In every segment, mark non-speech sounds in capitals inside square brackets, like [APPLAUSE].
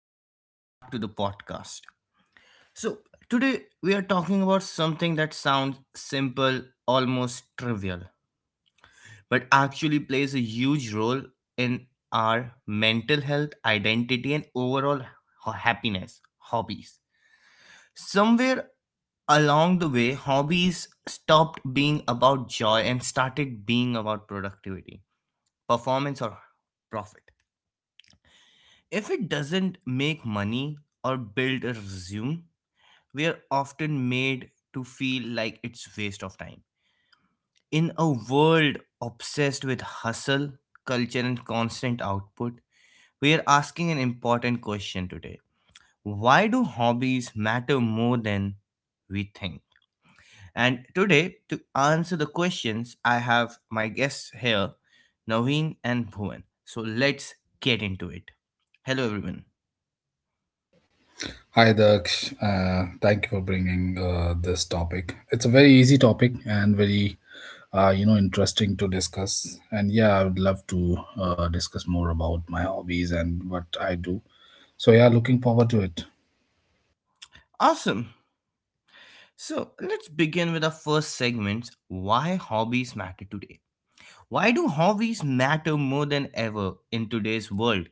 Welcome back to the podcast. So, today we are talking about something that sounds simple, almost trivial, but actually plays a huge role in our mental health, identity, and overall happiness hobbies. Somewhere along the way, hobbies stopped being about joy and started being about productivity, performance, or profit. If it doesn't make money or build a resume, we are often made to feel like it's waste of time in a world obsessed with hustle culture and constant output. We are asking an important question today: why do hobbies matter more than we think? And today, to answer the questions, I have my guests here, Naveen and Bhuvan. So let's get into it. Hello everyone. Hi, Daksh. Thank you for bringing this topic. It's a very easy topic and very interesting to discuss. And yeah, I would love to discuss more about my hobbies and what I do. So yeah, looking forward to it. Awesome. So let's begin with our first segment: why hobbies matter today. Why do hobbies matter more than ever in today's world?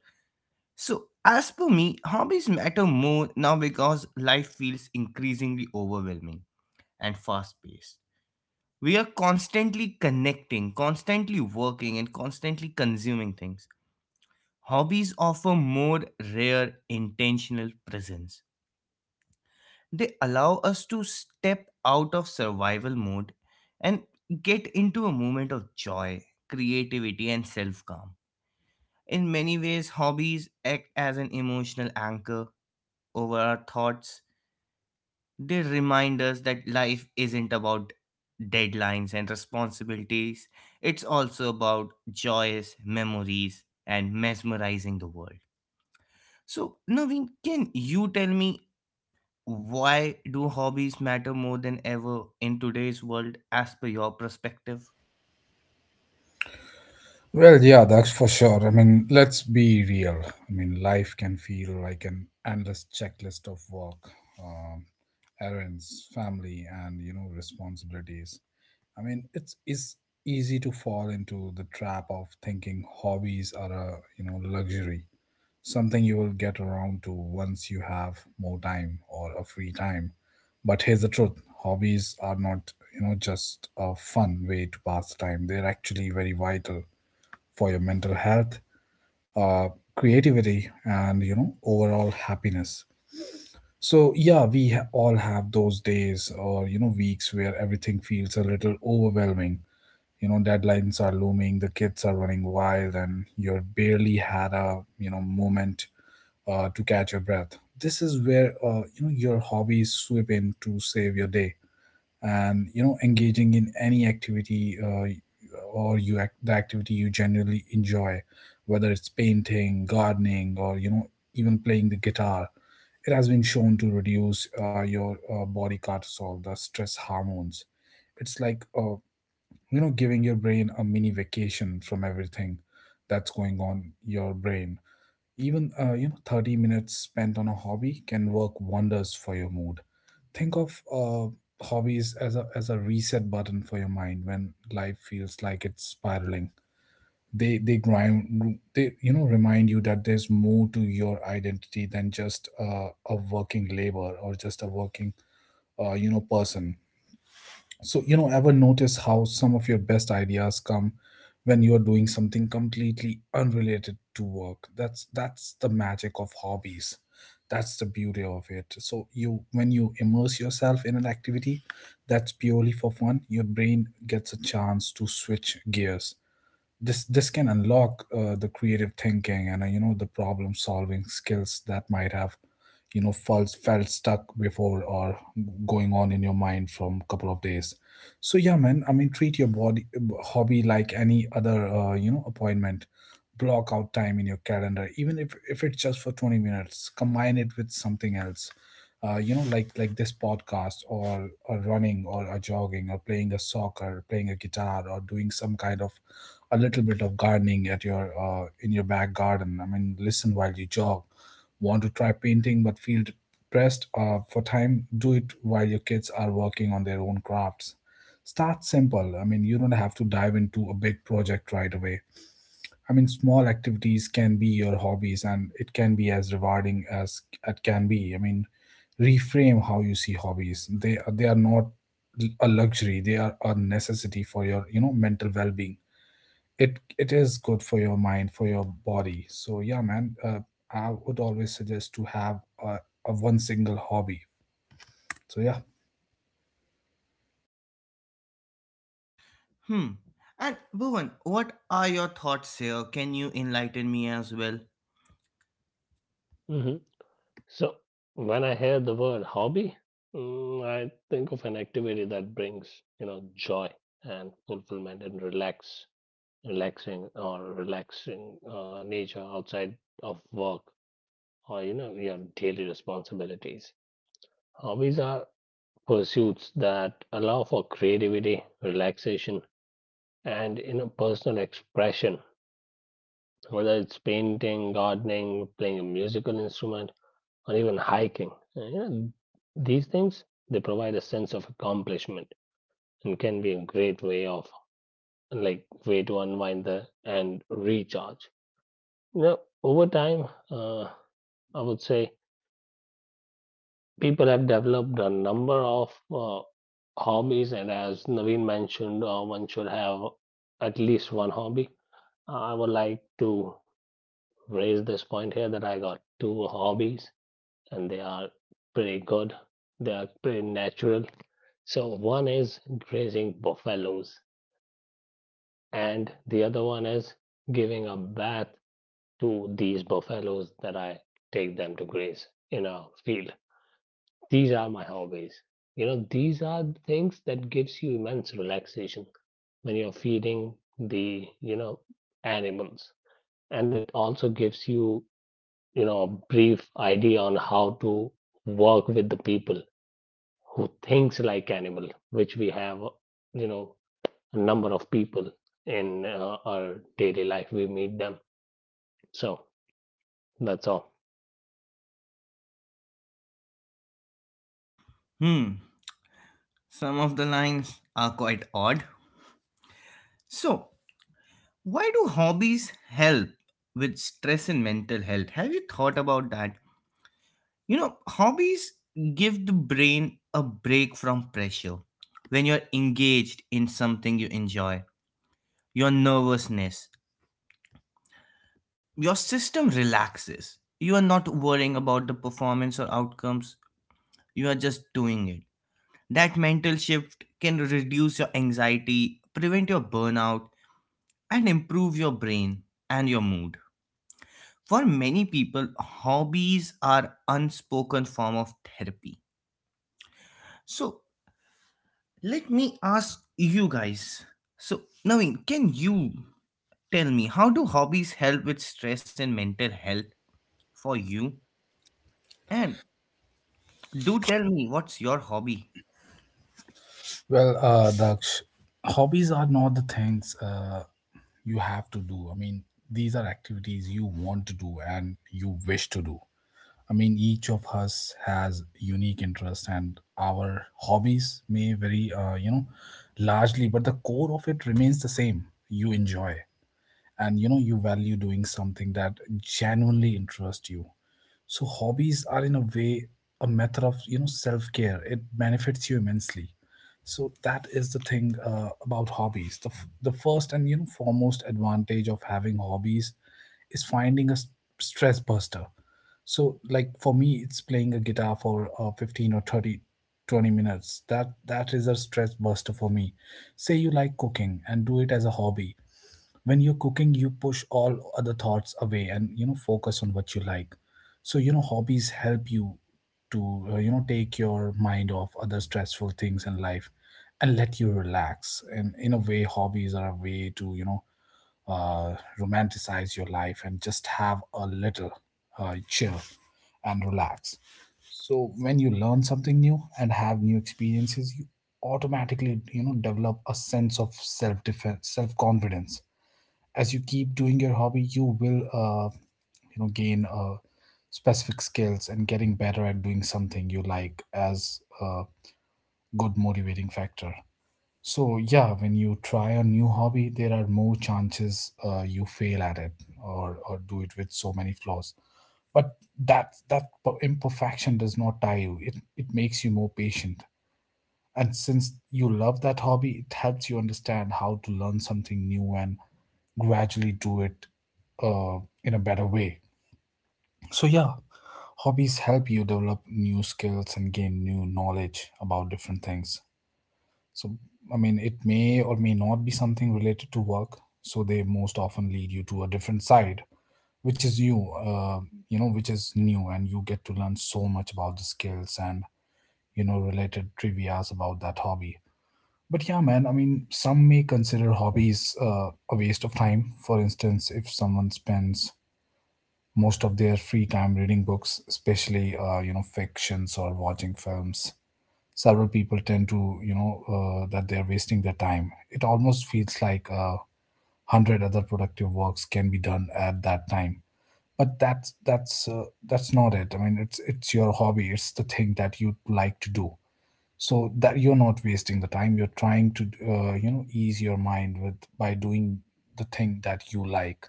So, as per me, hobbies matter more now because life feels increasingly overwhelming and fast paced. We are constantly connecting, constantly working, and constantly consuming things. Hobbies offer more rare intentional presence. They allow us to step out of survival mode and get into a moment of joy, creativity, and self calm. In many ways, hobbies act as an emotional anchor over our thoughts. They remind us that life isn't about deadlines and responsibilities, it's also about joyous memories and mesmerizing the world. So, Naveen, can you tell me, why do hobbies matter more than ever in today's world, as per your perspective? Well, yeah, that's for sure. I mean, let's be real. I mean, life can feel like an endless checklist of work, um, errands, family, and you know, responsibilities. I mean, it's easy to fall into the trap of thinking hobbies are a you know luxury, something you will get around to once you have more time or a free time. But here's the truth: hobbies are not you know just a fun way to pass time. They're actually very vital for your mental health, uh, creativity, and you know overall happiness. So yeah, all have those days or you know weeks where everything feels a little overwhelming, you know, deadlines are looming, the kids are running wild and you're barely had a you know moment to catch your breath. This is where you know your hobbies swoop in to save your day. And you know engaging in any activity, the activity you generally enjoy, whether it's painting, gardening, or you know even playing the guitar, it has been shown to reduce your body cortisol, the stress hormones. It's like you know giving your brain a mini vacation from everything that's going on your brain. Even you know 30 minutes spent on a hobby can work wonders for your mood. Think of hobbies as a reset button for your mind when life feels like it's spiraling. They you know remind you that there's more to your identity than just a working labor or just a working you know person. So, you know, ever notice how some of your best ideas come when you're doing something completely unrelated to work? That's the magic of hobbies. That's the beauty of it. So, you when you immerse yourself in an activity that's purely for fun, your brain gets a chance to switch gears. This can unlock the creative thinking and you know the problem solving skills that might have you know felt stuck before or going on in your mind from a couple of days. So yeah, man, I mean treat your body hobby like any other you know appointment. Block out time in your calendar, even if it's just for 20 minutes. Combine it with something else, you know, like this podcast or running or jogging or playing a soccer, playing a guitar, or doing some kind of a little bit of gardening at your in your back garden. I mean, listen while you jog. Want to try painting but feel pressed for time? Do it while your kids are working on their own crafts. Start simple. I mean, you don't have to dive into a big project right away. I mean, small activities can be your hobbies, and it can be as rewarding as it can be. I mean, reframe how you see hobbies. They are not a luxury; they are a necessity for your you know mental well being. It is good for your mind, for your body. So yeah, man, I would always suggest to have a one single hobby. So yeah. Hmm. And Bhuvan, what are your thoughts here? Can you enlighten me as well? Mhm. So, when I hear the word hobby, I think of an activity that brings, joy and fulfillment and relaxing nature outside of work or, your daily responsibilities. Hobbies are pursuits that allow for creativity, relaxation, and, personal expression, whether it's painting, gardening, playing a musical instrument or even hiking. These things they provide a sense of accomplishment and can be a great way of like way to unwind the and recharge. Over time, I would say people have developed a number of hobbies, and as Naveen mentioned, one should have at least one hobby. I would like to raise this point here that I got two hobbies and they are pretty good. They are pretty natural. So one is grazing buffaloes, and the other one is giving a bath to these buffaloes that I take them to graze in a field. These are my hobbies. These are things that gives you immense relaxation when you're feeding the, animals. And it also gives you, a brief idea on how to work with the people who thinks like animal, which we have, you know, a number of people in our daily life. We meet them. So that's all. Hmm. Some of the lines are quite odd. So, why do hobbies help with stress and mental health? Have you thought about that? You know, hobbies give the brain a break from pressure. When you're engaged in something you enjoy, your nervousness, your system relaxes. You are not worrying about the performance or outcomes, you are just doing it. That mental shift can reduce your anxiety, prevent your burnout, and improve your brain and your mood. For many people, hobbies are unspoken form of therapy. So let me ask you guys. So, Naveen, can you tell me, how do hobbies help with stress and mental health for you? And do tell me, what's your hobby? Well, Daksh, hobbies are not the things you have to do. I mean, these are activities you want to do and you wish to do. I mean, each of us has unique interests and our hobbies may vary, you know, largely, but the core of it remains the same. You enjoy and you know you value doing something that genuinely interests you. So hobbies are, in a way, a method of you know self-care. It benefits you immensely. So that is the thing about hobbies. The first and you know foremost advantage of having hobbies is finding a stress buster. So, like, for me, it's playing a guitar for 15 or 30, 20 minutes. That is a stress buster for me. Say you like cooking and do it as a hobby. When you're cooking, you push all other thoughts away and you know focus on what you like. So you know hobbies help you to you know take your mind off other stressful things in life and let you relax. And in a way, hobbies are a way to you know uh, romanticize your life and just have a little chill and relax. So when you learn something new and have new experiences, automatically you know develop a sense of self defense, self confidence. As you keep doing your hobby, you will you know gain specific skills, and getting better at doing something you like as a good motivating factor. So yeah, when you try a new hobby, there are more chances you fail at it or do it with so many flaws, but that imperfection does not tie you. It makes you more patient, and since you love that hobby, it helps you understand how to learn something new and gradually do it in a better way. So, yeah, hobbies help you develop new skills and gain new knowledge about different things. So, I mean, it may or may not be something related to work. So, they most often lead you to a different side, which is you, you know, which is new, and you get to learn so much about the skills and, you know, related trivias about that hobby. But yeah, man, I mean, some may consider hobbies a waste of time. For instance, if someone spends most of their free time reading books, especially, you know, fictions or watching films, several people tend to, you know, that they're wasting their time. It almost feels like a hundred other productive works can be done at that time. But that's not it. I mean, it's your hobby. It's the thing that you like to do, so that you're not wasting the time. You're trying to you know ease your mind with by doing the thing that you like.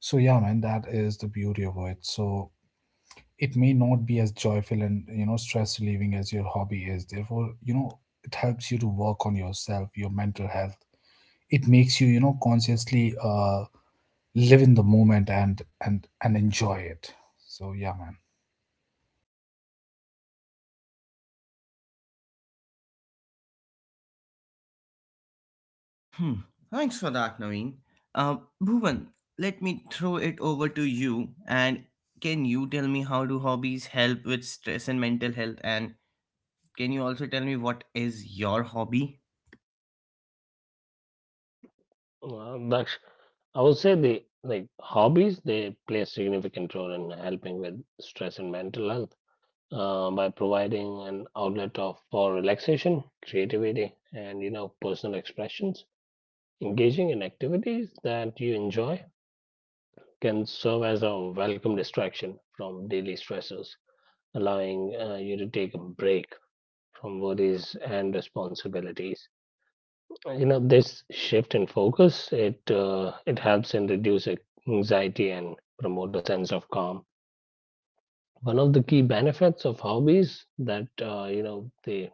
So yeah, man, that is the beauty of it. So it may not be as joyful and you know stress relieving as your hobby is, therefore you know it helps you to work on yourself, your mental health. It makes you you know consciously live in the moment and and enjoy it. So yeah, man. Hmm. Thanks for that, Naveen. Uh, Bhuvan, let me throw it over to you. And can you tell me, how do hobbies help with stress and mental health? And can you also tell me, what is your hobby? Daksh, I would say the like hobbies they play a significant role in helping with stress and mental health by providing an outlet of for relaxation, creativity, and personal expressions. Engaging in activities that you enjoy can serve as a welcome distraction from daily stressors allowing you to take a break from worries and responsibilities. This shift in focus it helps in reduce anxiety and promote a sense of calm. One of the key benefits of hobbies that they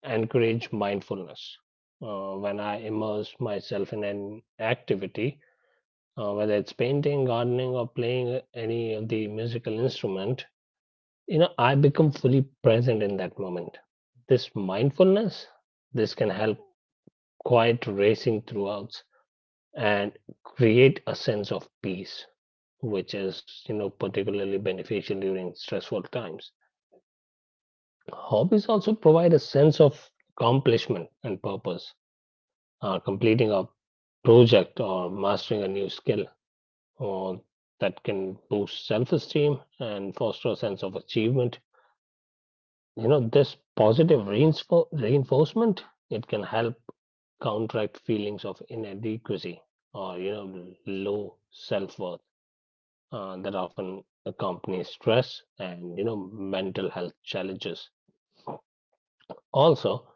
encourage mindfulness. When I immerse myself in an activity, whether it's painting, gardening, or playing any of the musical instrument, I become fully present in that moment. This mindfulness, this can help quiet racing throughout and create a sense of peace, which is particularly beneficial during stressful times. Hobbies also provide a sense of accomplishment and purpose, completing a project or mastering a new skill, or that can boost self-esteem and foster a sense of achievement. This positive reinforcement, it can help counteract feelings of inadequacy or low self-worth, that often accompany stress and mental health challenges. Also,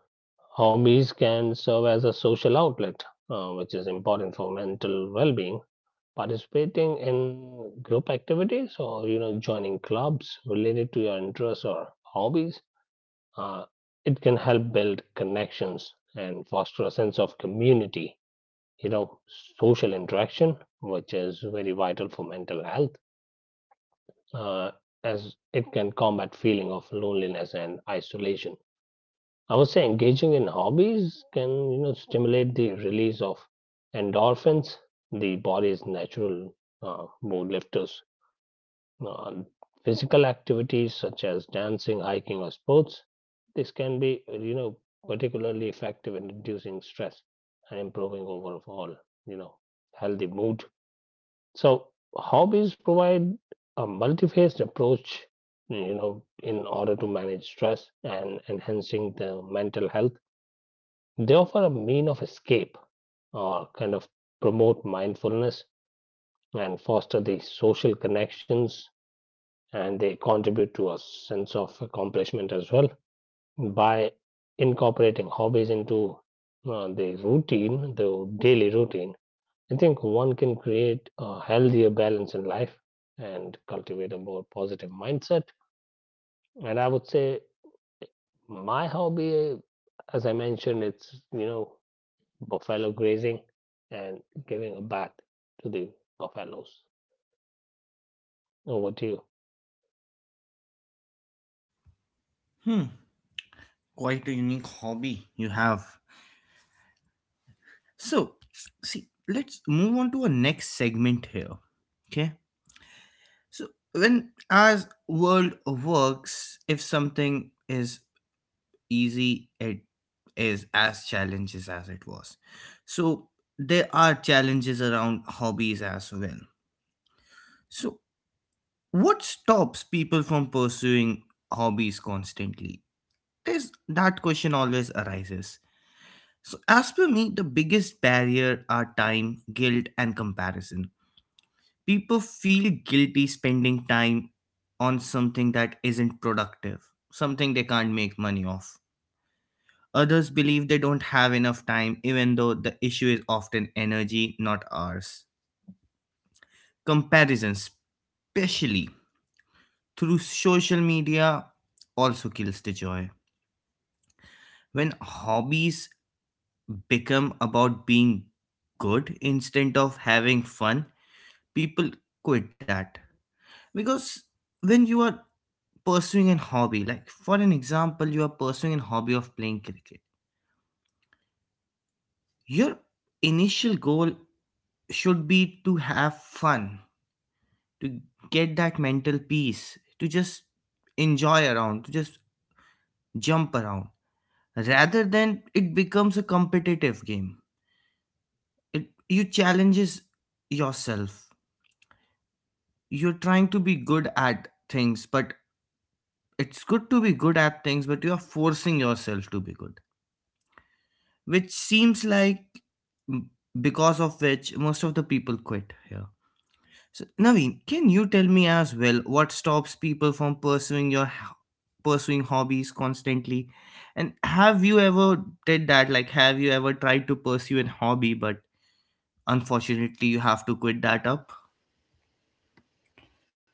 hobbies can serve as a social outlet, which is important for mental well-being. Participating in group activities or joining clubs related to your interests or hobbies, uh, it can help build connections and foster a sense of community. You know social interaction, which is very vital for mental health, uh, as it can combat feeling of loneliness and isolation. I would say engaging in hobbies can stimulate the release of endorphins, the body's natural mood lifters on physical activities such as dancing, hiking, or sports. This can be, particularly effective in reducing stress and improving overall, you know, healthy mood. So hobbies provide a multifaceted approach, in order to manage stress and enhancing the mental health. They offer a mean of escape or kind of promote mindfulness and foster the social connections, and they contribute to a sense of accomplishment as well by incorporating hobbies into the daily routine. I think one can create a healthier balance in life and cultivate a more positive mindset. And I would say my hobby, as I mentioned, it's buffalo grazing and giving a bath to the buffaloes. Over to you. Hmm, quite a unique hobby you have. So, see, let's move on to a next segment here. Okay. So, when as world works, if something is easy, it is as challenges as it was. So, there are challenges around hobbies as well. So, what stops people from pursuing hobbies constantly? There's that question always arises. So, as per me, the biggest barrier are time, guilt, and comparison. People feel guilty spending time on something that isn't productive, something they can't make money off. Others believe they don't have enough time, even though the issue is often energy, not ours. Comparison, especially through social media, also kills the joy. When hobbies become about being good instead of having fun, people quit that, because when you are pursuing an hobby, like for an example, you are pursuing a hobby of playing cricket, your initial goal should be to have fun, to get that mental peace, to just enjoy around, to just jump around, rather than it becomes a competitive game. It, you challenges yourself, you're trying to be good at things, but it's good to be good at things, but you are forcing yourself to be good, which seems like, because of which most of the people quit here. So, Naveen, can you tell me as well, what stops people from pursuing hobbies constantly? And have you ever did that? Like, have you ever tried to pursue a hobby, but unfortunately, you have to quit that up?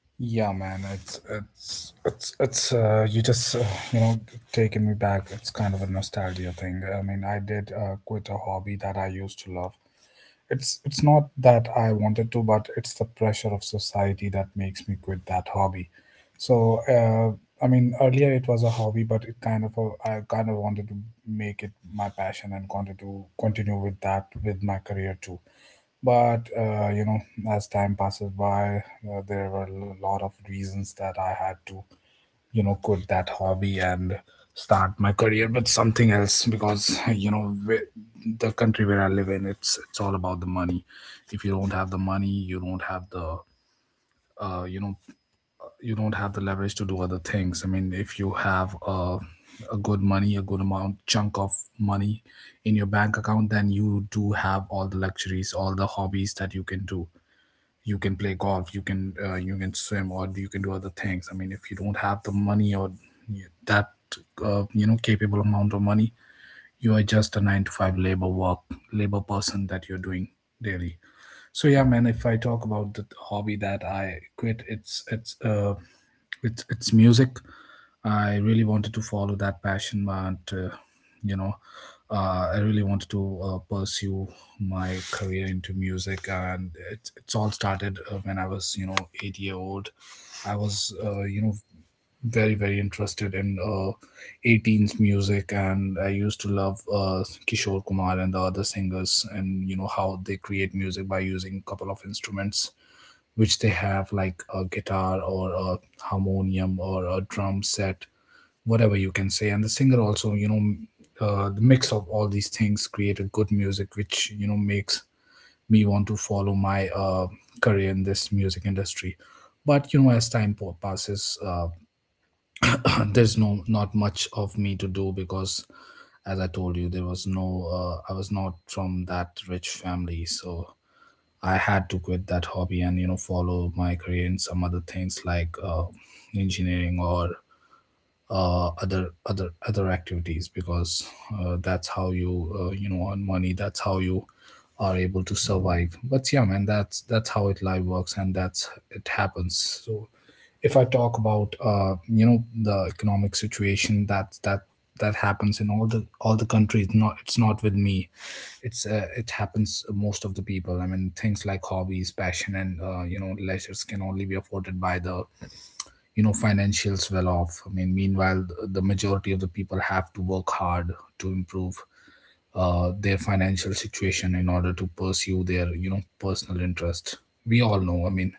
Yeah, man, it's you just you know taking me back. It's kind of a nostalgia thing. I mean, I did quit a hobby that I used to love. It's not that I wanted to, but it's the pressure of society that makes me quit that hobby. So I mean, earlier it was a hobby, but it kind of a, I kind of wanted to make it my passion and wanted to continue with that with my career too. But you know, as time passes by, there were a lot of reasons that I had to you know quit that hobby and start my career with something else, because you know the country where I live in, it's all about the money. If you don't have the money, you don't have the you know, you don't have the leverage to do other things. I mean, if you have a good money, a good amount chunk of money in your bank account, then you do have all the luxuries, all the hobbies that you can do. You can play golf, you can swim, or you can do other things. I mean, if you don't have the money or that you know capable amount of money, you are just a 9 to 5 labor work, labor person that you're doing daily. So yeah, man, if I talk about the hobby that I quit, it's music. I really wanted to follow that passion, but you know, I really wanted to pursue my career into music, and it's all started when I was, you know, 8 years old. I was, very interested in 18s music, and I used to love Kishore Kumar and the other singers. And you know how they create music by using a couple of instruments, which they have, like a guitar or a harmonium or a drum set, whatever you can say. And the singer also, you know, the mix of all these things created good music, which you know makes me want to follow my career in this music industry. But you know, as passes, [COUGHS] [CLEARS THROAT] there's no, not much of me to do, because as I told you, there was no, I was not from that rich family, so I had to quit that hobby and, you know, follow my career in some other things like engineering or other activities, because that's how you, you know, earn money. That's how you are able to survive. But yeah, man, that's how it life works, and that's it happens. So if I talk about you know, the economic situation, that happens in all the countries, not, it's not with me. It's it happens most of the people. I mean, things like hobbies, passion, and you know, leisures can only be afforded by the, you know, financials well off. I mean, meanwhile, the majority of the people have to work hard to improve their financial situation in order to pursue their, you know, personal interest. We all know, I mean,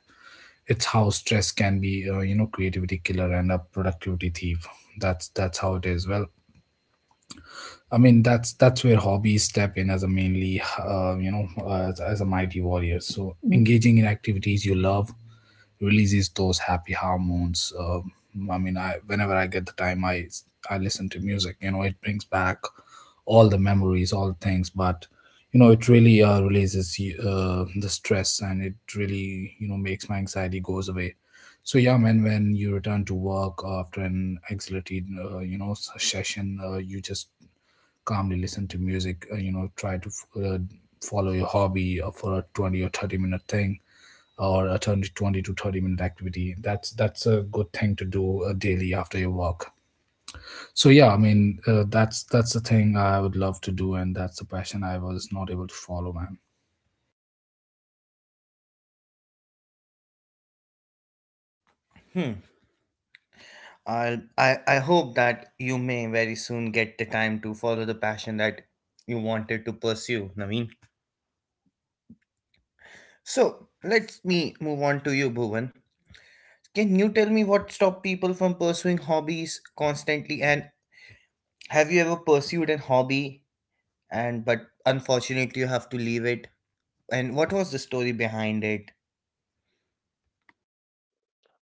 it's how stress can be, you know, creativity killer and a productivity thief. That's how it is. Well, I mean, that's where hobbies step in as a mainly, you know, as a mighty warrior. So engaging in activities you love releases those happy hormones. I mean, I whenever I get the time, I listen to music. You know, it brings back all the memories, all the things. But you know, it really releases the stress, and it really you know makes my anxiety goes away. So yeah, man, when you return to work after an exhilarated, you know, session, you just calmly listen to music. You know, try to follow your hobby for a 20 or 30 minute thing or a 20 to 30 minute activity. That's a good thing to do, daily after your work. So yeah, I mean, that's the thing I would love to do, and that's the passion I was not able to follow, man. Hmm. I hope that you may very soon get the time to follow the passion that you wanted to pursue, Naveen. So let me move on to you, Bhuvan. Can you tell me, what stopped people from pursuing hobbies constantly? And have you ever pursued a hobby, and but unfortunately you have to leave it? And what was the story behind it?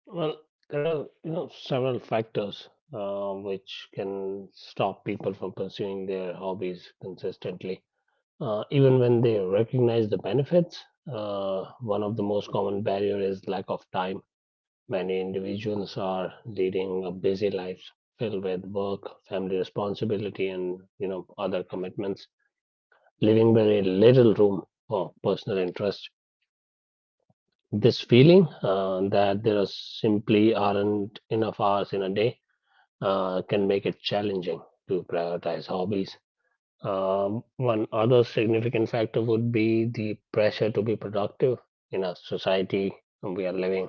Well, there are several factors, which can stop people from pursuing their hobbies consistently, even when they recognize the benefits. One of the most common barrier is lack of time. Many individuals are leading a busy life filled with work, family responsibility, and other commitments, leaving very little room for personal interest. This feeling that there are simply aren't enough hours in a day can make it challenging to prioritize hobbies. One other significant factor would be the pressure to be productive in a society we are living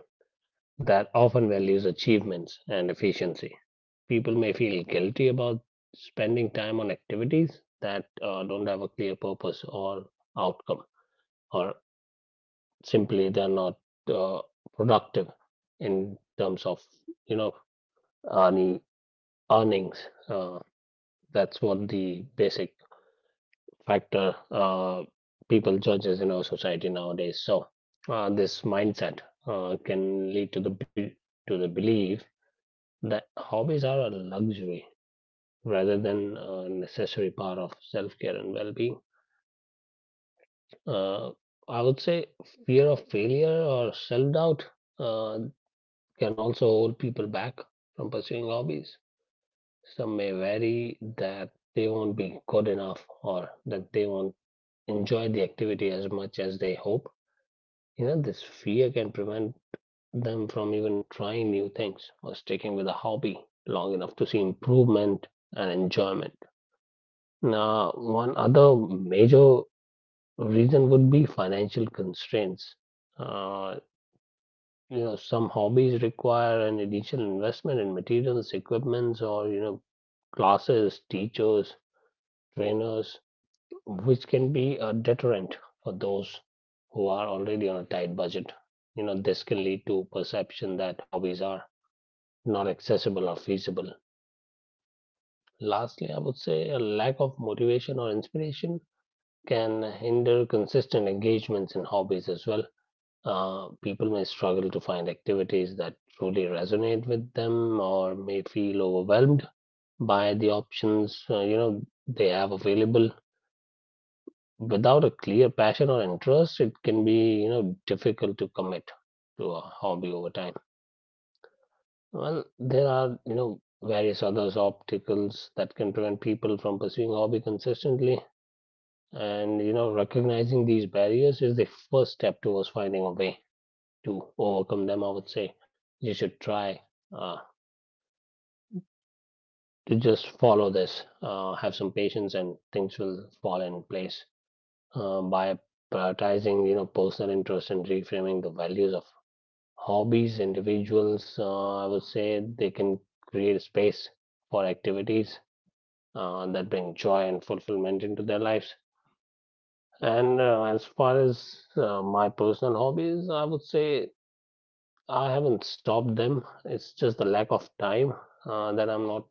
that often values achievements and efficiency. People may feel guilty about spending time on activities that don't have a clear purpose or outcome, or simply they're not uh, productive in terms of you know earning earnings. Uh, That's what the basic factor, people judges in our society nowadays. So this mindset can lead to to the belief that hobbies are a luxury rather than a necessary part of self care and well being. Uh, I would say fear of failure or self doubt uh, can also hold people back from pursuing hobbies. Some may worry that they won't be good enough or that they won't enjoy the activity as much as they hope. This fear can prevent them from even trying new things or sticking with a hobby long enough to see improvement and enjoyment. Now, one other major reason would be financial constraints. Uh, some hobbies require an initial investment in materials, equipments, or classes, teachers, trainers, which can be a deterrent for those who are already on a tight budget. This can lead to perception that hobbies are not accessible or feasible. Lastly, I would say a lack of motivation or inspiration can hinder consistent engagements in hobbies as well. People may struggle to find activities that truly resonate with them or may feel overwhelmed by the options, they have available without a clear passion or interest. It can be difficult to commit to a hobby over time. Well, there are various other obstacles that can prevent people from pursuing a hobby consistently, and recognizing these barriers is the first step towards finding a way to overcome them. I would say you should try uh, to just follow this, have some patience, and things will fall in place by prioritizing personal interest and reframing the values of hobbies. Individuals, I would say, they can create a space for activities that bring joy and fulfillment into their lives. And as far as my personal hobbies, I would say I haven't stopped them. It's just the lack of time that I'm not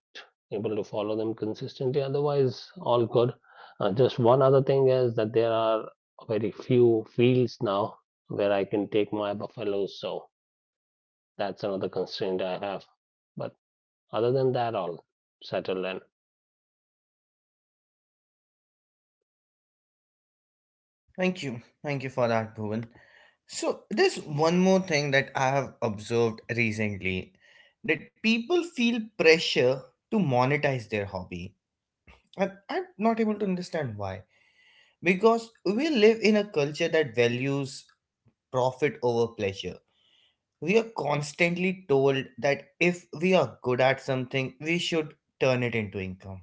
able to follow them consistently. Otherwise, all good. Just one other thing is that there are very few fields now where I can take my buffaloes. So that's another constraint I have. But other than that, all settled. And Thank you. Thank you for that, Bhuvan. So there's one more thing that I have observed recently, that people feel pressure to monetize their hobby. And I'm not able to understand why. Because we live in a culture that values profit over pleasure. We are constantly told that if we are good at something, we should turn it into income.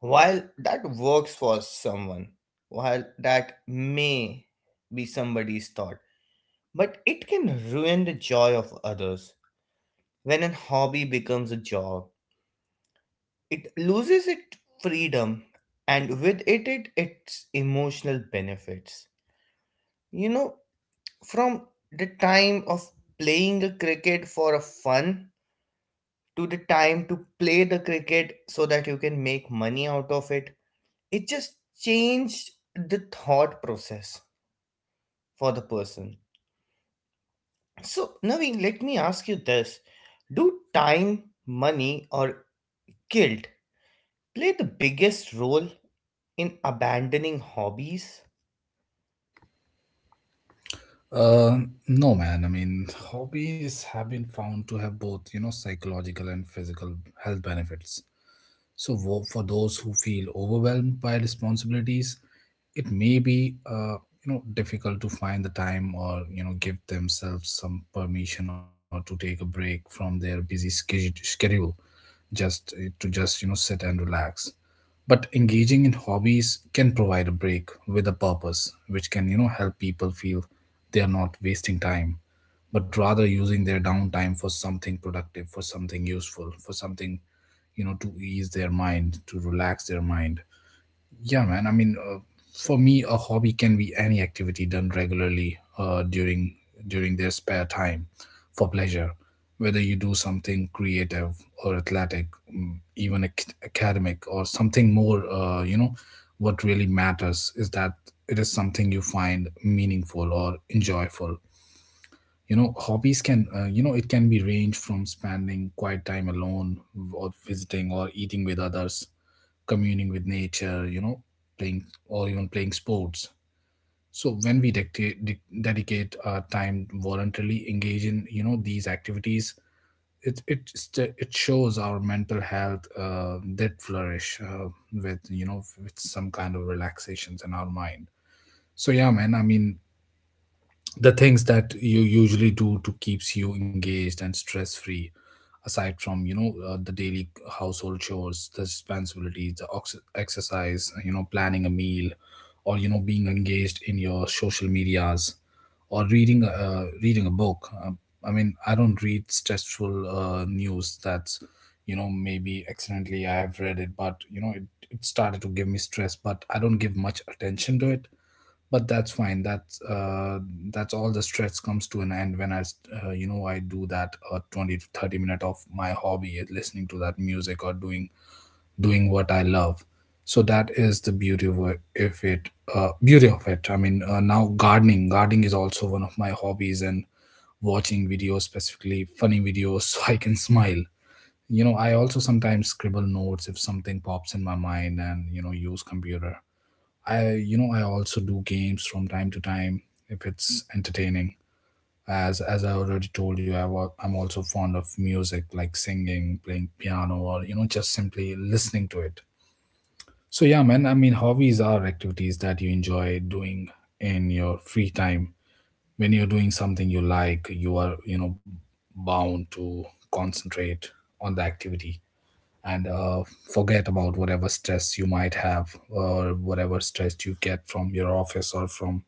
While that works for someone, while that may be somebody's thought, but it can ruin the joy of others. When a hobby becomes a job, it loses its freedom, and with it, its emotional benefits. You know, from the time of playing a cricket for a fun to the time to play the cricket so that you can make money out of it. It just changed the thought process for the person. So, Naveen, let me ask you this. Do time, money, or guilt play the biggest role in abandoning hobbies? uh no man, I mean, hobbies have been found to have both, you know, psychological and physical health benefits. So, for those who feel overwhelmed by responsibilities, it may be you know, difficult to find the time, or you know, give themselves some permission or to take a break from their busy schedule, just to just, you know, sit and relax. But engaging in hobbies can provide a break with a purpose, which can, you know, help people feel they are not wasting time, but rather using their downtime for something productive, for something useful, for something, you know, to ease their mind, to relax their mind. Yeah, man. I mean, for me, a hobby can be any activity done regularly, during their spare time for pleasure. Whether you do something creative or athletic, even academic or something more, you know, what really matters is that it is something you find meaningful or enjoyable. You know, hobbies can, you know, it can be range from spending quiet time alone, or visiting or eating with others, communing with nature, you know, playing or even playing sports. So when we dedicate our time voluntarily, engage in, you know, these activities, it shows our mental health did flourish, with, you know, with some kind of relaxations in our mind. So yeah, man. I mean, the things that you usually do to keeps you engaged and stress free, aside from, you know, the daily household chores, the responsibilities, the exercise, you know, planning a meal, or you know, being engaged in your social medias, or reading, reading a book. Um I mean, I don't read stressful news. That's, you know, maybe accidentally I have read it, but you know it started to give me stress, but I don't give much attention to it. But that's fine. That's all. The stress comes to an end when you know, I do that, 20 to 30 minute of my hobby is listening to that music or doing what I love. So that is the beauty of it. If it Beauty of it, I mean, now gardening is also one of my hobbies, and watching videos, specifically funny videos, [LAUGHS] so I can smile. You know, I also sometimes scribble notes if something pops in my mind, and you know, use computer. I You know, I also do games from time to time if it's entertaining. As I already told you, I'm also fond of music, like singing, playing piano, or you know, just simply listening to it. So yeah, man. I mean, hobbies are activities that you enjoy doing in your free time. When you're doing something you like, you are, you know, bound to concentrate on the activity, and forget about whatever stress you might have or whatever stress you get from your office or from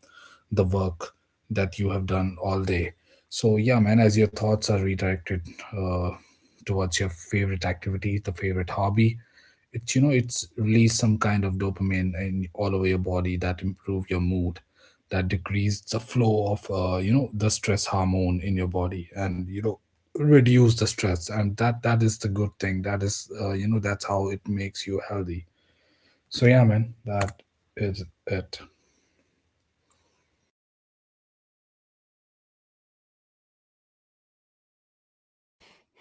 the work that you have done all day. So, yeah, man, as your thoughts are redirected, uh, towards your favorite activity, the favorite hobby, it's you know, it's release some kind of dopamine in all over your body, that improve your mood, that decrease the flow of, you know, the stress hormone in your body, and you know, reduce the stress. And that is the good thing. That is, you know, that's how it makes you healthy. So yeah, man, that is it.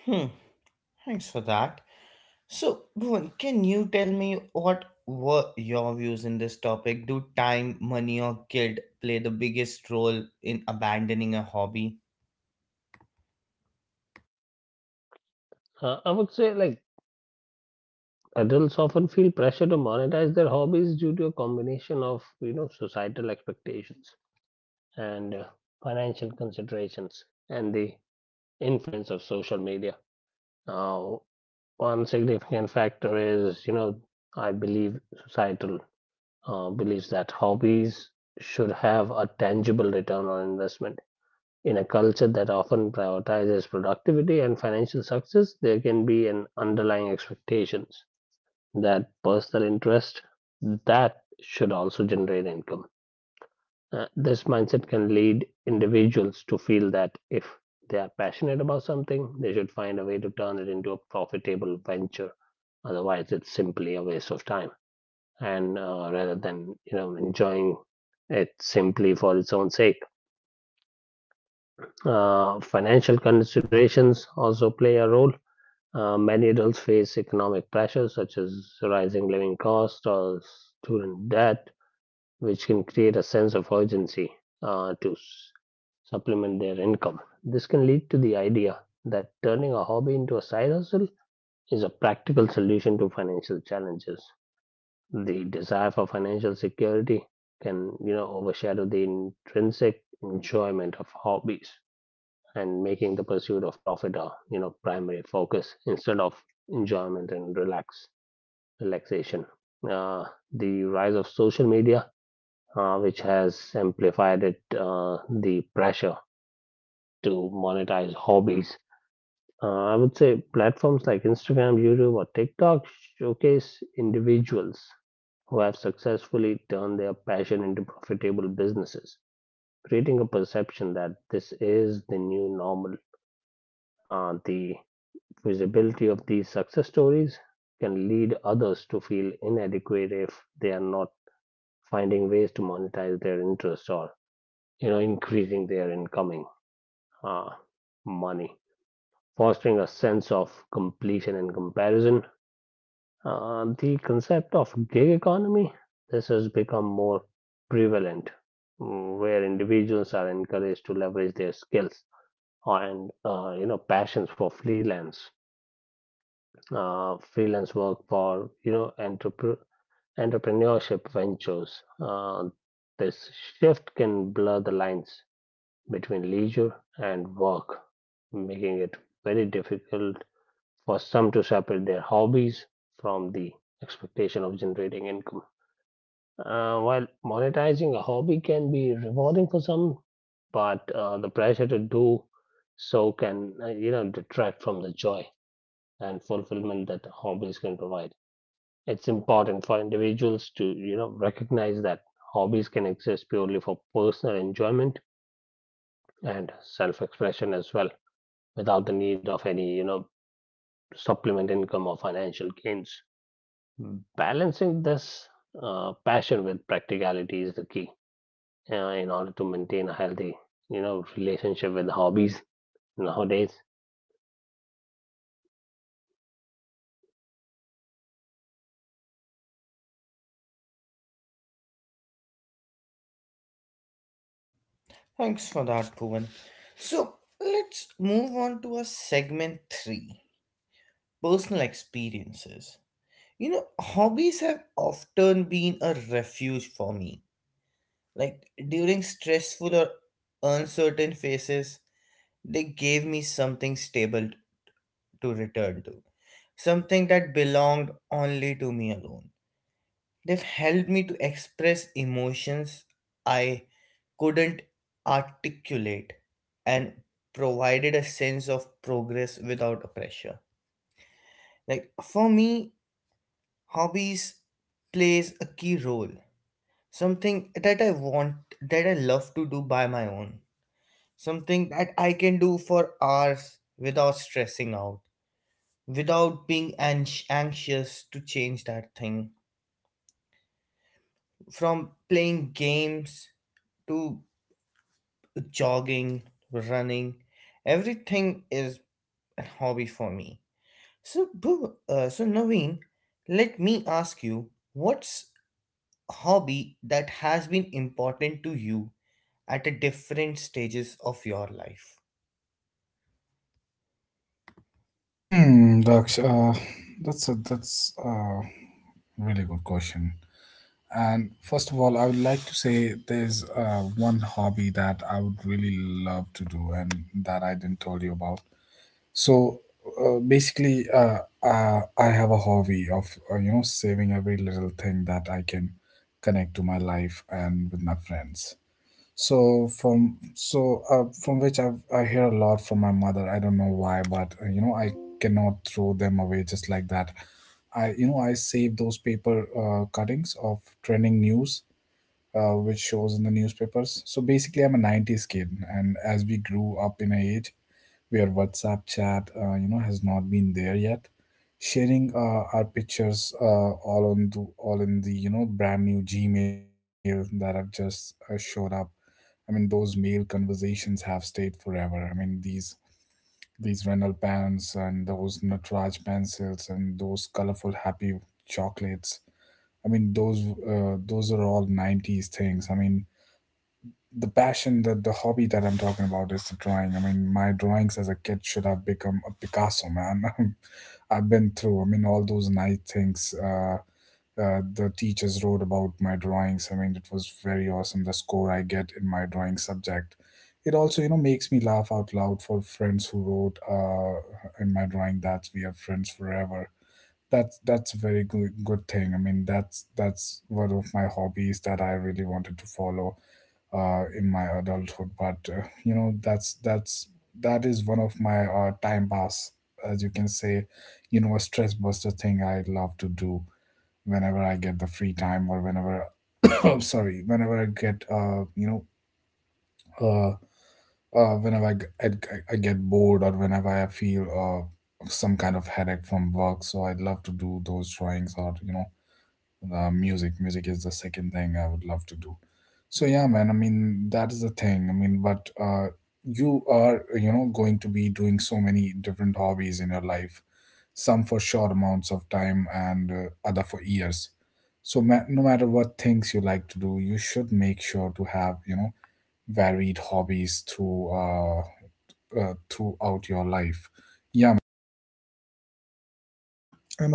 Hmm, thanks for that. So, Bhuvan, can you tell me what were your views in this topic? Do time, money, or guilt play the biggest role in abandoning a hobby? I would say adults often feel pressure to monetize their hobbies due to a combination of societal expectations and financial considerations and the influence of social media. Now, one significant factor is I believe societal believes that hobbies should have a tangible return on investment. In a culture that often prioritizes productivity and financial success, there can be an underlying expectations that personal interest that should also generate income. This mindset can lead individuals to feel that if they are passionate about something, they should find a way to turn it into a profitable venture. Otherwise, it's simply a waste of time. And rather than enjoying it simply for its own sake. Financial considerations also play a role. Many adults face economic pressures such as rising living costs or student debt, which can create a sense of urgency, to supplement their income. This can lead to the idea that turning a hobby into a side hustle is a practical solution to financial challenges. The desire for financial security can, overshadow the intrinsic enjoyment of hobbies and making the pursuit of profit a primary focus instead of enjoyment and relaxation. Uh, the rise of social media, which has amplified it, the pressure to monetize hobbies. I would say platforms like Instagram, YouTube, or TikTok showcase individuals who have successfully turned their passion into profitable businesses, creating a perception that this is the new normal. The visibility of these success stories can lead others to feel inadequate if they are not finding ways to monetize their interest or increasing their incoming uh, money, fostering a sense of completion and comparison. The concept of gig economy this has become more prevalent, where individuals are encouraged to leverage their skills and passions for freelance work for entrepreneurship ventures. This shift can blur the lines between leisure and work, making it very difficult for some to separate their hobbies from the expectation of generating income. While monetizing a hobby can be rewarding for some, but the pressure to do so can detract from the joy and fulfillment that hobbies can provide. It's important for individuals to recognize that hobbies can exist purely for personal enjoyment and self-expression as well, without the need of any supplement income or financial gains. Balancing this passion with practicality is the key, in order to maintain a healthy relationship with hobbies nowadays. Thanks for that, Bhuvan. So let's move on to a segment three: personal experiences. You know, hobbies have often been a refuge for me. Like during stressful or uncertain phases, they gave me something stable to return to, something that belonged only to me alone. They've helped me to express emotions I couldn't articulate and provided a sense of progress without a pressure. Like for me, hobbies plays a key role. Something that I want, that I love to do by my own. Something that I can do for hours without stressing out, without being anxious to change that thing. From playing games to jogging, running, everything is a hobby for me. So, Naveen, let me ask you, what's a hobby that has been important to you at a different stages of your life? Hmm, Daksh, that's a really good question. And first of all, I would like to say there's one hobby that I would really love to do and that I didn't tell you about. So basically, I have a hobby of, you know, saving every little thing that I can connect to my life and with my friends. From which I hear a lot from my mother. I don't know why, but you know, I cannot throw them away just like that. I You know, I save those paper, cuttings of trending news, which shows in the newspapers. So basically, I'm a '90s kid, and as we grew up in an age where WhatsApp chat, you know, has not been there yet, sharing our pictures, all on the, all in the, you know, brand new Gmail that have just showed up. I mean, those male conversations have stayed forever. I mean, these renal pens and those Natraj pencils and those colorful happy chocolates. I mean, those are all '90s things. I mean, the hobby that I'm talking about is the drawing. I mean, my drawings as a kid should have become a Picasso, man. [LAUGHS] I've been through, I mean, all those nice things. The teachers wrote about my drawings. I mean, it was very awesome. The score I get in my drawing subject, it also you know, makes me laugh out loud, for friends who wrote in my drawing that we are friends forever. That's a very good thing. I mean, that's one of my hobbies that I really wanted to follow in my adulthood. But you know, that is one of my time pass, as you can say. You know, a stress buster thing I love to do whenever I get the free time or whenever [COUGHS] I'm sorry, whenever I get uh, whenever I get bored or whenever I feel some kind of headache from work, so I'd love to do those drawings or music is the second thing I would love to do. So yeah, man, I mean that is the thing. I mean, but you are going to be doing so many different hobbies in your life, some for short amounts of time and other for years. So no matter what things you like to do, you should make sure to have varied hobbies throughout your life. Yeah, man. And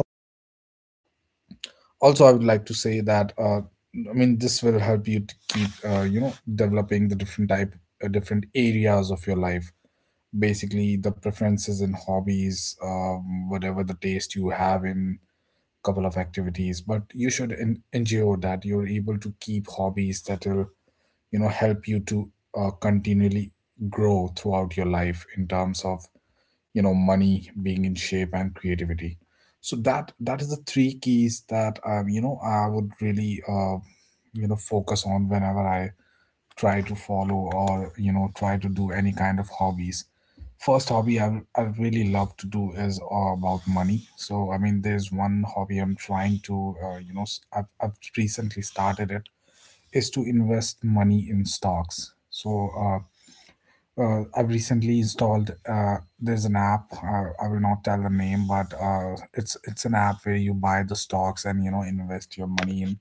also I would like to say that, I mean, this will help you to keep developing the different areas of your life, basically the preferences and hobbies, whatever the taste you have in couple of activities. But you should ensure that you're able to keep hobbies that will, you know, help you to continually grow throughout your life in terms of, you know, money, being in shape, and creativity. So that is the three keys that you know, I would really, you know, focus on whenever I try to follow, or you know, try to do any kind of hobbies. First hobby I really love to do is about money. So I mean, there's one hobby I'm trying to you know, I've recently started it, is to invest money in stocks. So I've recently installed. There's an app. I will not tell the name, but it's an app where you buy the stocks and, you know, invest your money in.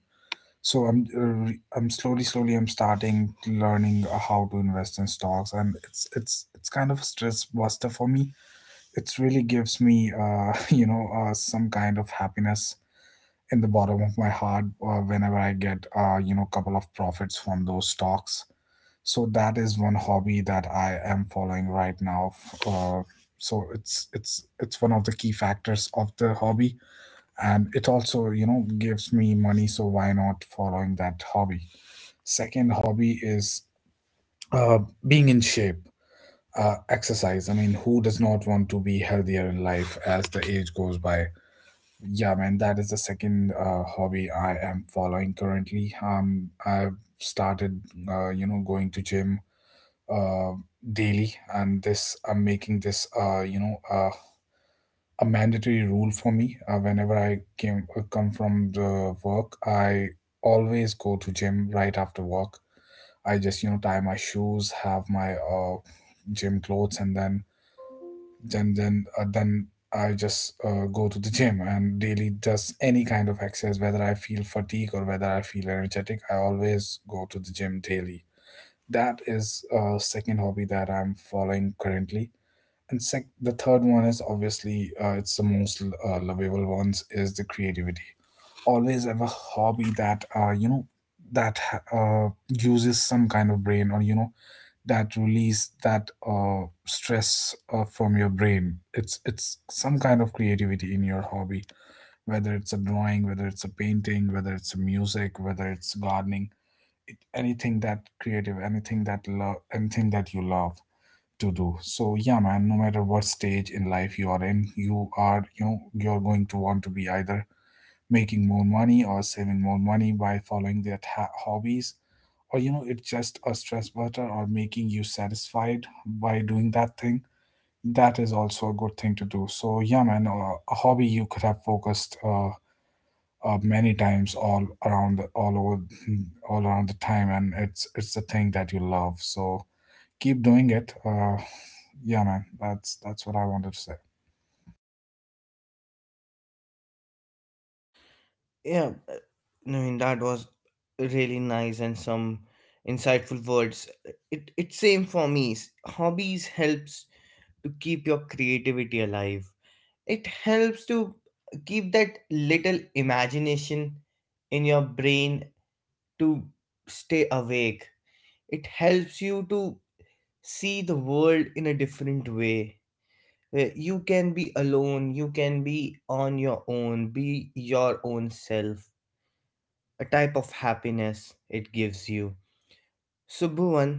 So I'm I'm slowly I'm starting learning how to invest in stocks, and it's kind of a stress buster for me. It really gives me [LAUGHS] you know, some kind of happiness in the bottom of my heart whenever I get, you know, couple of profits from those stocks. So that is one hobby that I am following right now, so it's one of the key factors of the hobby. And it also, you know, gives me money, so why not following that hobby. Second hobby is uh, being in shape, exercise. I mean, who does not want to be healthier in life as the age goes by. Yeah, man, that is the second hobby I am following currently. I've started you know, going to gym uh, daily. And this I'm making this, a mandatory rule for me. Whenever I came come from the work, I always go to gym right after work. I just, you know, tie my shoes, have my gym clothes, and then then I just go to the gym and daily does any kind of exercise, whether I feel fatigue or whether I feel energetic, I always go to the gym daily. That is a second hobby that I'm following currently. And the third one is obviously, it's the most lovable ones is the creativity. Always have a hobby that, you know, that uses some kind of brain, or you know, that release that, stress from your brain. It's some kind of creativity in your hobby, whether it's a drawing, whether it's a painting, whether it's a music, whether it's gardening, it, anything that creative, anything that love, anything that you love to do. So yeah, man, no matter what stage in life you are in, you are, you know, you're going to want to be either making more money or saving more money by following that hobbies, or you know, it's just a stress buster or making you satisfied by doing that thing. That is also a good thing to do. So yeah, man, a hobby you could have focused many times all around the, all over all around the time, and it's the thing that you love, so keep doing it. Yeah, man, that's what I wanted to say. Yeah, Naveen, that was really nice and some insightful words. It's same for me. Hobbies helps to keep your creativity alive. It helps to keep that little imagination in your brain to stay awake. It helps you to see the world in a different way. You can be alone, you can be on your own, be your own self, a type of happiness it gives you. So, Bhuvan,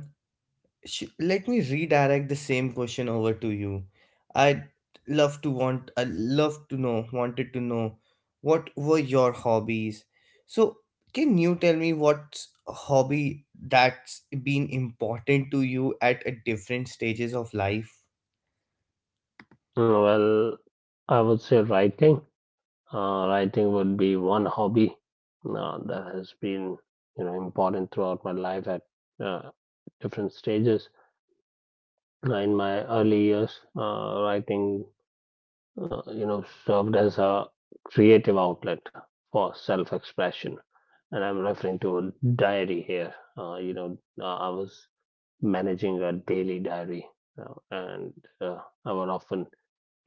let me redirect the same question over to you. i'd I love to know wanted to know, what were your hobbies? So, can you tell me, what's a hobby that's been important to you at a different stages of life? Well, I would say writing. Writing would be one hobby that has been, you know, important throughout my life at uh, different stages. In my early years, writing, you know, served as a creative outlet for self-expression, and I'm referring to a diary here. You know, I was managing a daily diary, and uh, I would often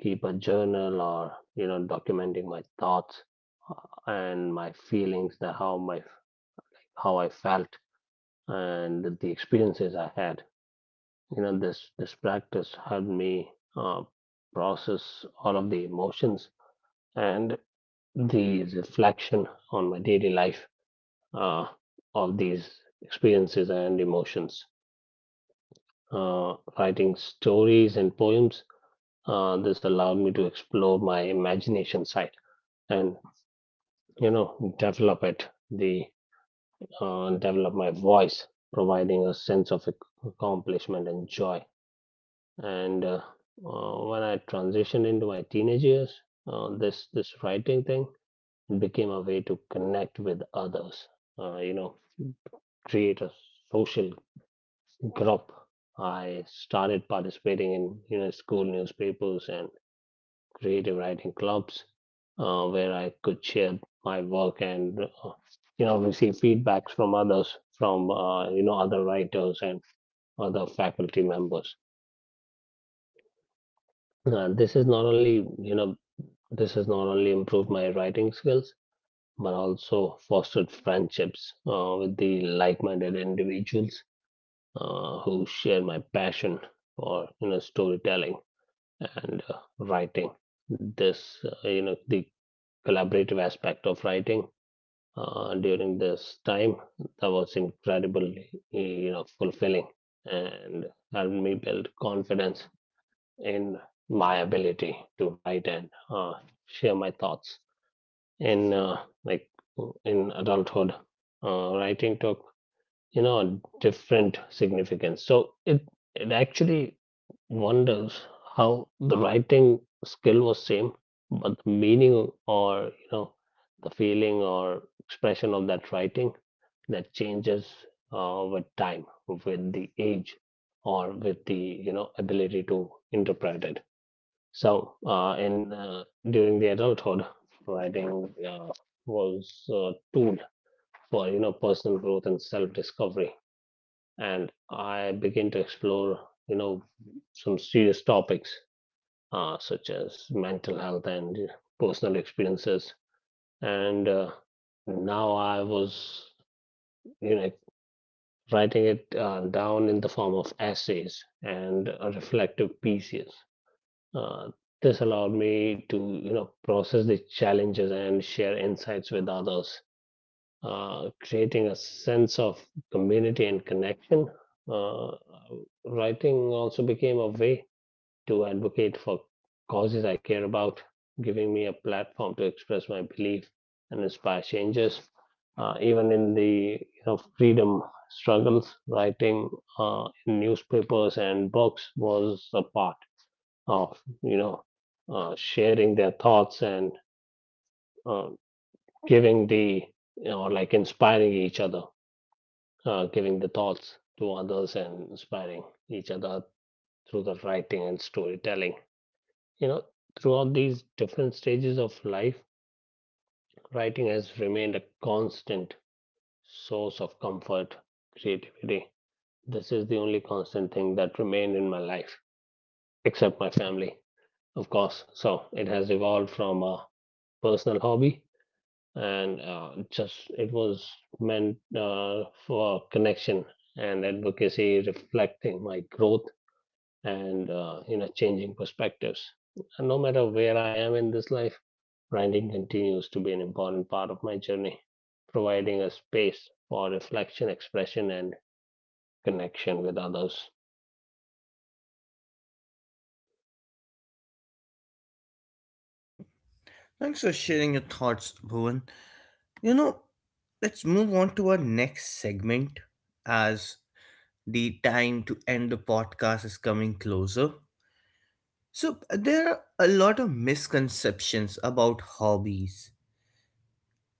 keep a journal or, you know, documenting my thoughts and my feelings, that how my how I felt and the experiences I had. You know, this practice helped me uh, process all of the emotions and the reflection on my daily life, uh, of these experiences and emotions. Writing stories and poems, this allowed me to explore my imagination side and, you know, develop it, the develop my voice, providing a sense of accomplishment and joy. And uh, uh, when i transitioned into my teenage years, this writing thing became a way to connect with others, you know, create a social group. I started participating in, you know, school newspapers and creative writing clubs, where I could share my work and, you know, receive feedbacks from others, from, you know, other writers and other faculty members. This is not only, you know, this has not only improved my writing skills but also fostered friendships with the like-minded individuals who share my passion for, you know, storytelling and, writing. This You know, the collaborative aspect of writing during this time, that was incredibly, you know, fulfilling and helped me build confidence in my ability to write and uh, share my thoughts in, like in adulthood. Writing took, you know, different significance. So it it actually wonders how the writing skill was same but the meaning, or, you know, the feeling or expression of that writing, that changes with time, with the age, or with the, you know, ability to interpret it. So uh, in uh, during the adulthood, writing uh, was a tool for, you know, personal growth and self discovery, and I began to explore, you know, some serious topics such as mental health and personal experiences. And now I was, you know, writing it down in the form of essays and, reflective pieces. Uh, this allowed me to, you know, process the challenges and share insights with others, creating a sense of community and connection. Uh, Writing also became a way to advocate for causes I care about, giving me a platform to express my belief and inspire changes. Even in the, you know, freedom struggles, writing in newspapers and books was a part of, you know, sharing their thoughts and, uh, giving the, you know, inspiring each other, giving the thoughts to others and inspiring each other through the writing and storytelling. You know, throughout these different stages of life, writing has remained a constant source of comfort, creativity. This is the only constant thing that remained in my life, except my family, of course. So it has evolved from a personal hobby and, just it was meant, for connection and advocacy, reflecting my growth and, you know, changing perspectives. And no matter where I am in this life, grinding continues to be an important part of my journey, providing a space for reflection, expression, and connection with others. Thanks for sharing your thoughts, Bhuvan. You know, let's move on to our next segment as the time to end the podcast is coming closer. So there are a lot of misconceptions about hobbies.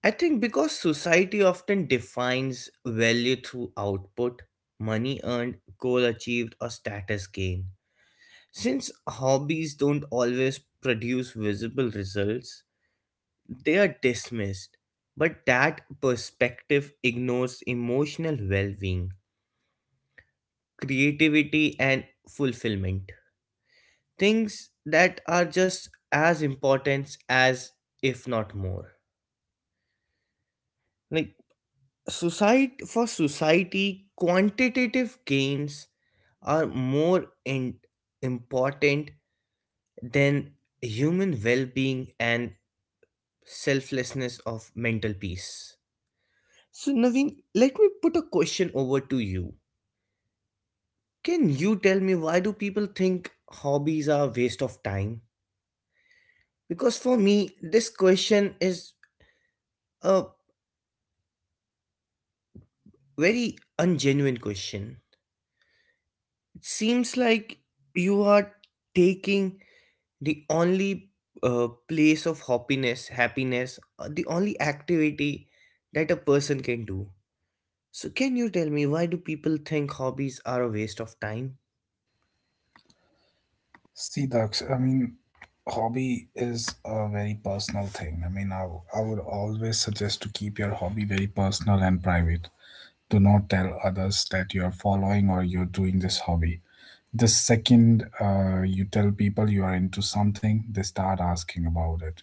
I think because society often defines value through output, money earned, goal achieved, or status gain. Since hobbies don't always produce visible results, they are dismissed. But that perspective ignores emotional well being, creativity, and fulfillment, things that are just as important as, if not more. Like society, for society quantitative gains are more in, important than human well-being and selflessness of mental peace. So, Naveen, let me put a question over to you. Can you tell me, why do people think hobbies are waste of time? Because for me, this question is a very ungenuine question. It seems like you are taking the only place of happiness, the only activity that a person can do. So, can you tell me, why do people think hobbies are a waste of time? See ducks, I mean, hobby is a very personal thing. I mean, I would always suggest to keep your hobby very personal and private. Do not tell others that you're following or you're doing this hobby. The second, you tell people you are into something, they start asking about it.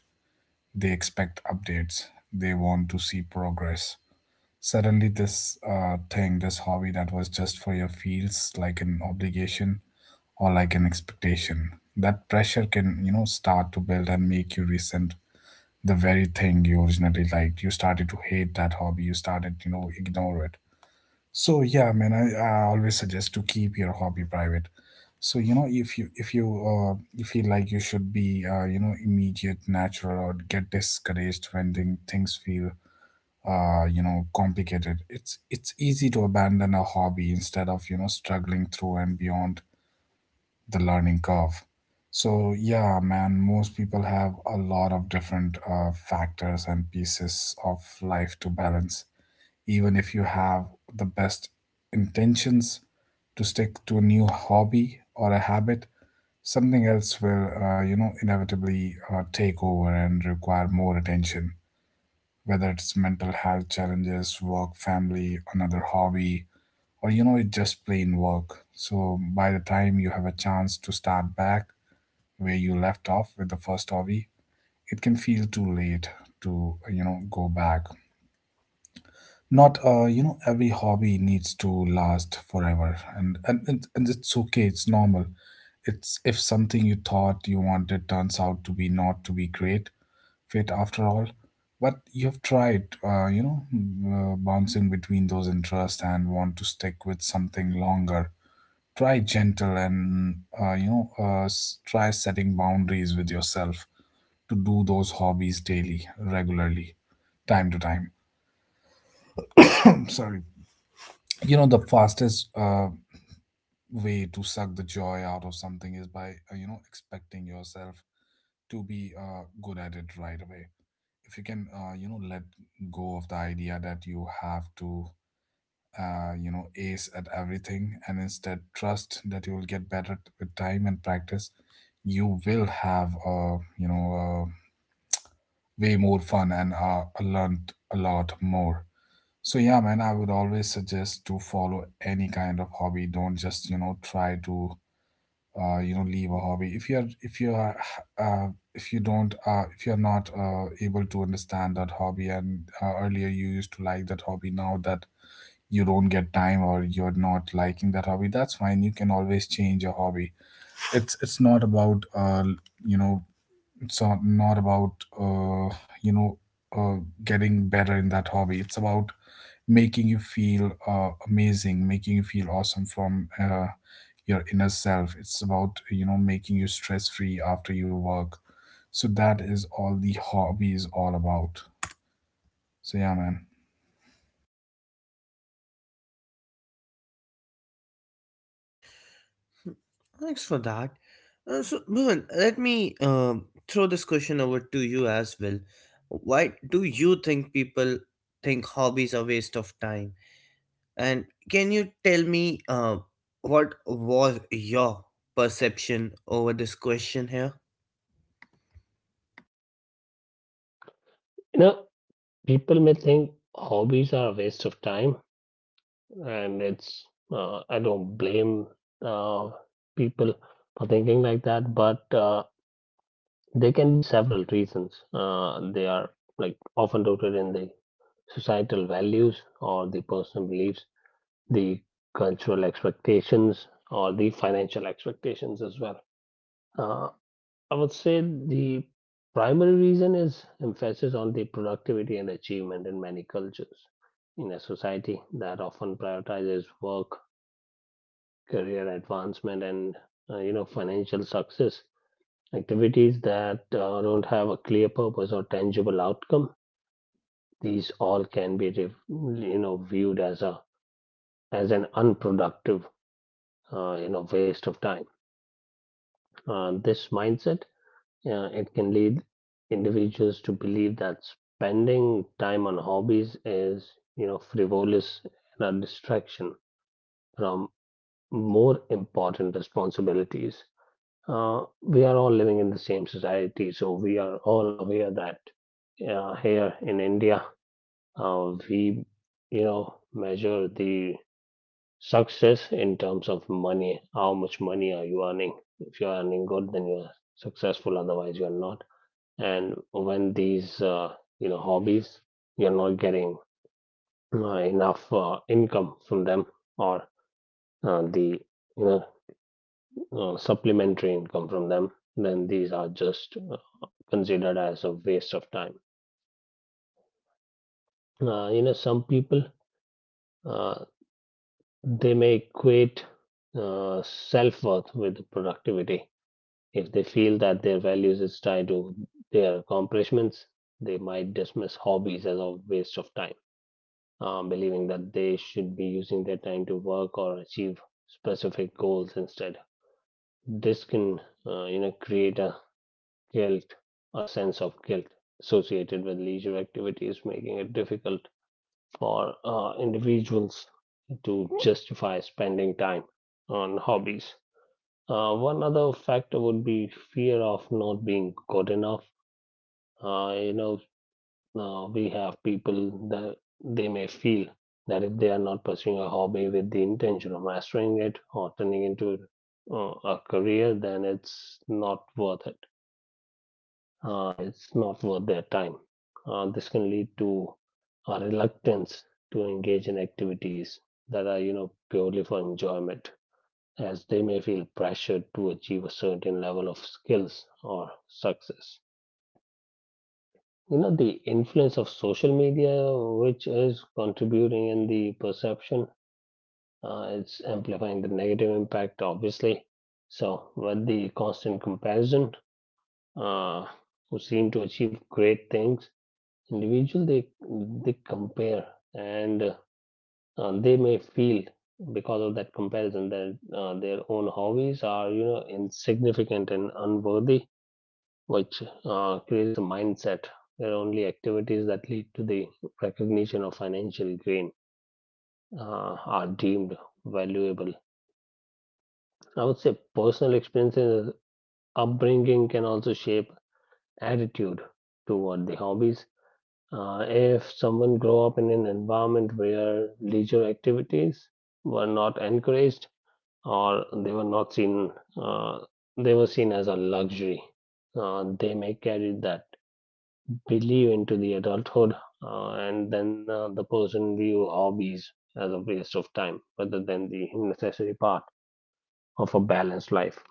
They expect updates. They want to see progress. Suddenly, this thing, this hobby that was just for your feels like an obligation or like an expectation. That pressure can, you know, start to build and make you resent the very thing you originally liked. You started to hate that hobby. You started, you know, ignore it. So yeah, man, I always suggest to keep your hobby private. So you know, if you you feel like you should be, you know, immediate, natural, or get discouraged when things feel, you know, complicated, it's easy to abandon a hobby instead of, you know, struggling through and beyond the learning curve. So yeah, man, most people have a lot of different factors and pieces of life to balance. Even if you have the best intentions to stick to a new hobby or a habit, something else will, you know, inevitably, take over and require more attention. Whether it's mental health challenges, work, family, another hobby, or you know, it just plain work. So by the time you have a chance to start back where you left off with the first hobby, it can feel too late to, you know, go back. Not, you know, every hobby needs to last forever. And it's okay, it's normal. It's if something you thought you wanted turns out to be not to be great fit after all, but you've tried, you know, bouncing between those interests and want to stick with something longer, try gentle and, you know, try setting boundaries with yourself to do those hobbies daily regularly, time to time. [COUGHS] Sorry. You know, the fastest way to suck the joy out of something is by, you know, expecting yourself to be good at it right away. If you can, you know, let go of the idea that you have to, you know, ace at everything, and instead trust that you will get better with time and practice, you will have, you know, way more fun and, learned a lot more. So yeah, man, I would always suggest to follow any kind of hobby. Don't just, you know, try to, you know, leave a hobby. If you're if you are, uh, if you don't, if you're not, able to understand that hobby, and, earlier you used to like that hobby, now that you don't get time or you're not liking that hobby, that's fine. You can always change your hobby. It's not about, you know, it's not about, uh, you know uh, getting better in that hobby. It's about making you feel, amazing, making you feel awesome from, your inner self. It's about, you know, making you stress free after you work. So that is all the hobby is all about. So, yeah, man. Hmm, thanks for that. So, Bhuvan, let me throw this question over to you as well. Why do you think people think hobbies are waste of time? And can you tell me what was your perception over this question here? You know, people may think hobbies are a waste of time, and it's I don't blame uh, people for thinking like that, but there can be several reasons. They are like often rooted in the societal values or the personal beliefs, the cultural expectations, or the financial expectations as well. Uh, I would say the primary reason is emphasis on the productivity and achievement in many cultures. In a society that often prioritizes work, career advancement, and, you know, financial success, activities that don't have a clear purpose or tangible outcome, these all can be you know, viewed as a as an unproductive, you know, waste of time. This mindset, it can lead individuals to believe that spending time on hobbies is, you know, frivolous, and a distraction from more important responsibilities. We are all living in the same society, so we are all aware that, here in india, we you know, measure the success in terms of money. How much money are you earning? If you are earning good, then you are successful. Otherwise, you are not. And when these, you know, hobbies, you are not getting enough income from them, or the you know supplementary income from them, then these are just considered as a waste of time. You know, some people uh, they may equate self worth with productivity. If they feel that their values is tied to their accomplishments, they might dismiss hobbies as a waste of time, believing that they should be using their time to work or achieve specific goals instead. This can, you know, create a guilt, a sense of guilt associated with leisure activities, making it difficult for individuals to justify spending time on hobbies. One other factor would be fear of not being good enough. uh, you know we have people that they may feel that if they are not pursuing a hobby with the intention of mastering it or turning into a career, then it's not worth it. It's not worth their time. This can lead to a reluctance to engage in activities that are, you know, purely for enjoyment, as they may feel pressured to achieve a certain level of skills or success. You know, the influence of social media, which is contributing in the perception, it's amplifying the negative impact, obviously. So with the constant comparison, uh, who seem to achieve great things, individual, they compare, and they may feel, because of that comparison, that their own hobbies are, you know, insignificant and unworthy, which creates a mindset where only activities that lead to the recognition of financial gain are deemed valuable. I would say personal experiences, upbringing can also shape attitude toward the hobbies. If someone grow up in an environment where leisure activities were not encouraged, or they were not seen, uh, they were seen as a luxury, they may carry that believe into the adulthood, and then the person view hobbies as a waste of time rather than the necessary part of a balanced life.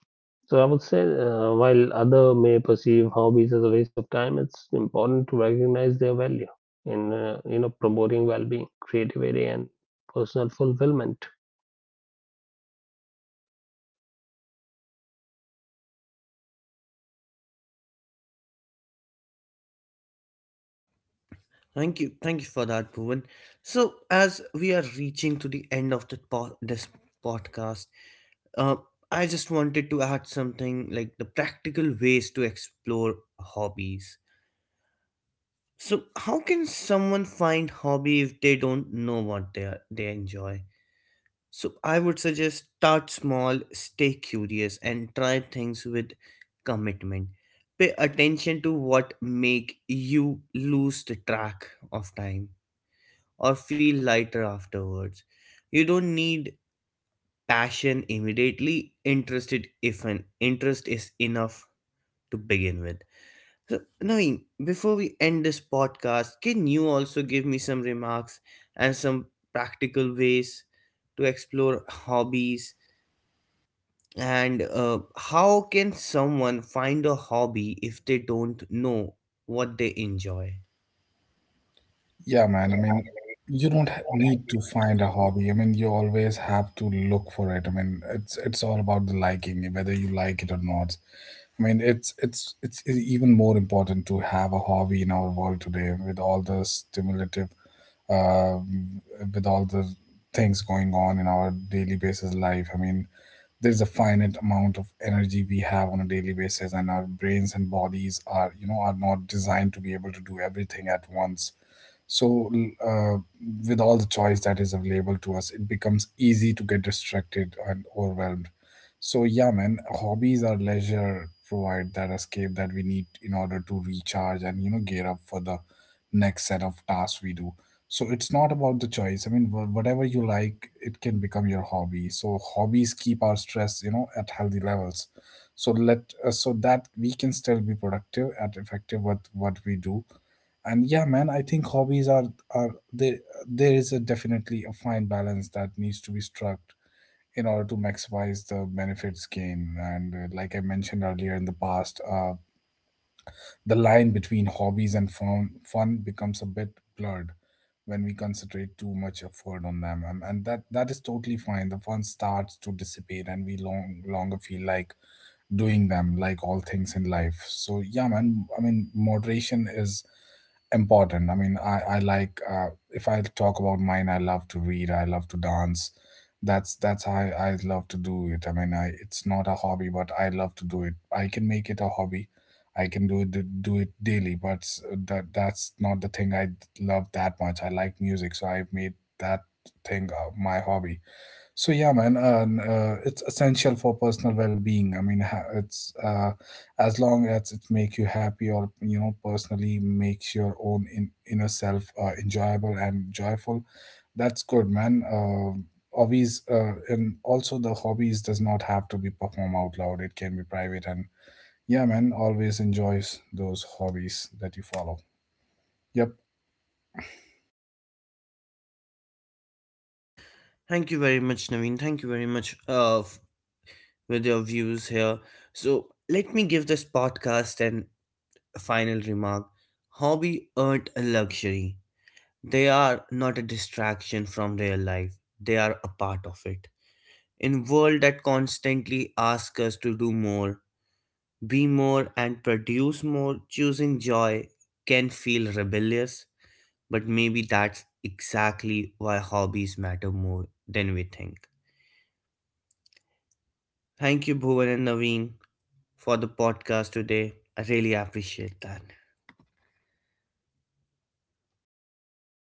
So I would say, while other may perceive hobbies as a waste of time, it's important to recognize their value in, you know, promoting well-being, creativity, and personal fulfillment. Thank you for that, Bhuvan. So, as we are reaching to the end of the this podcast, uh, I just wanted to add something like the practical ways to explore hobbies. So, how can someone find hobby if they don't know what they are, they enjoy? So I would suggest, start small, stay curious, and try things with commitment. Pay attention to what make you lose the track of time or feel lighter afterwards. You don't need passion immediately. Interested if an interest is enough to begin with. So, Naveen, before we end this podcast, can you also give me some remarks and some practical ways to explore hobbies? And how can someone find a hobby if they don't know what they enjoy? Yeah, man. I mean, you don't need to find a hobby. I mean, you always have to look for it. I mean, it's all about the liking, whether you like it or not. I mean, it's even more important to have a hobby in our world today with all the stimulative, uh, with all the things going on in our daily basis life. I mean, there's a finite amount of energy we have on a daily basis, and our brains and bodies are, you know, are not designed to be able to do everything at once. So uh, with all the choice that is available to us, it becomes easy to get distracted and overwhelmed. So yeah, man, hobbies or leisure provide that escape that we need in order to recharge and, you know, gear up for the next set of tasks we do. So it's not about the choice. I mean, whatever you like, it can become your hobby. So hobbies keep our stress, you know, at healthy levels. So let so that we can still be productive and effective with what we do. And yeah, man, I think hobbies are there. There is a definitely a fine balance that needs to be struck in order to maximize the benefits gained. And like I mentioned earlier in the past, the line between hobbies and fun becomes a bit blurred when we concentrate too much effort on them, and that is totally fine, the fun starts to dissipate and we longer feel like doing them, like all things in life. So yeah, man, I mean moderation is important. I mean, I like, if I talk about mine, I love to read, I love to dance. That's how I love to do it. I mean, I it's not a hobby, but I love to do it. I can make it a hobby. I can do it daily. But that's not the thing I love that much. I like music, so I made that thing, my hobby. So yeah, man, and, it's essential for personal well-being. I mean, it's, as long as it make you happy or, you know, personally makes your own inner self, enjoyable and joyful. That's good, man. Hobbies, and also the hobbies does not have to be perform out loud. It can be private. And yeah, man, always enjoys those hobbies that you follow. Yep. Thank you very much, Naveen. Thank you very much with your views here. So, let me give this podcast an final remark. Hobby aren't a luxury, they are not a distraction from their life, they are a part of it. In world that constantly asks us to do more, be more and produce more, choosing joy can feel rebellious, but maybe that's exactly why hobbies matter more than we think. Thank you, Bhuvan and Naveen, for the podcast today. I really appreciate that. Thank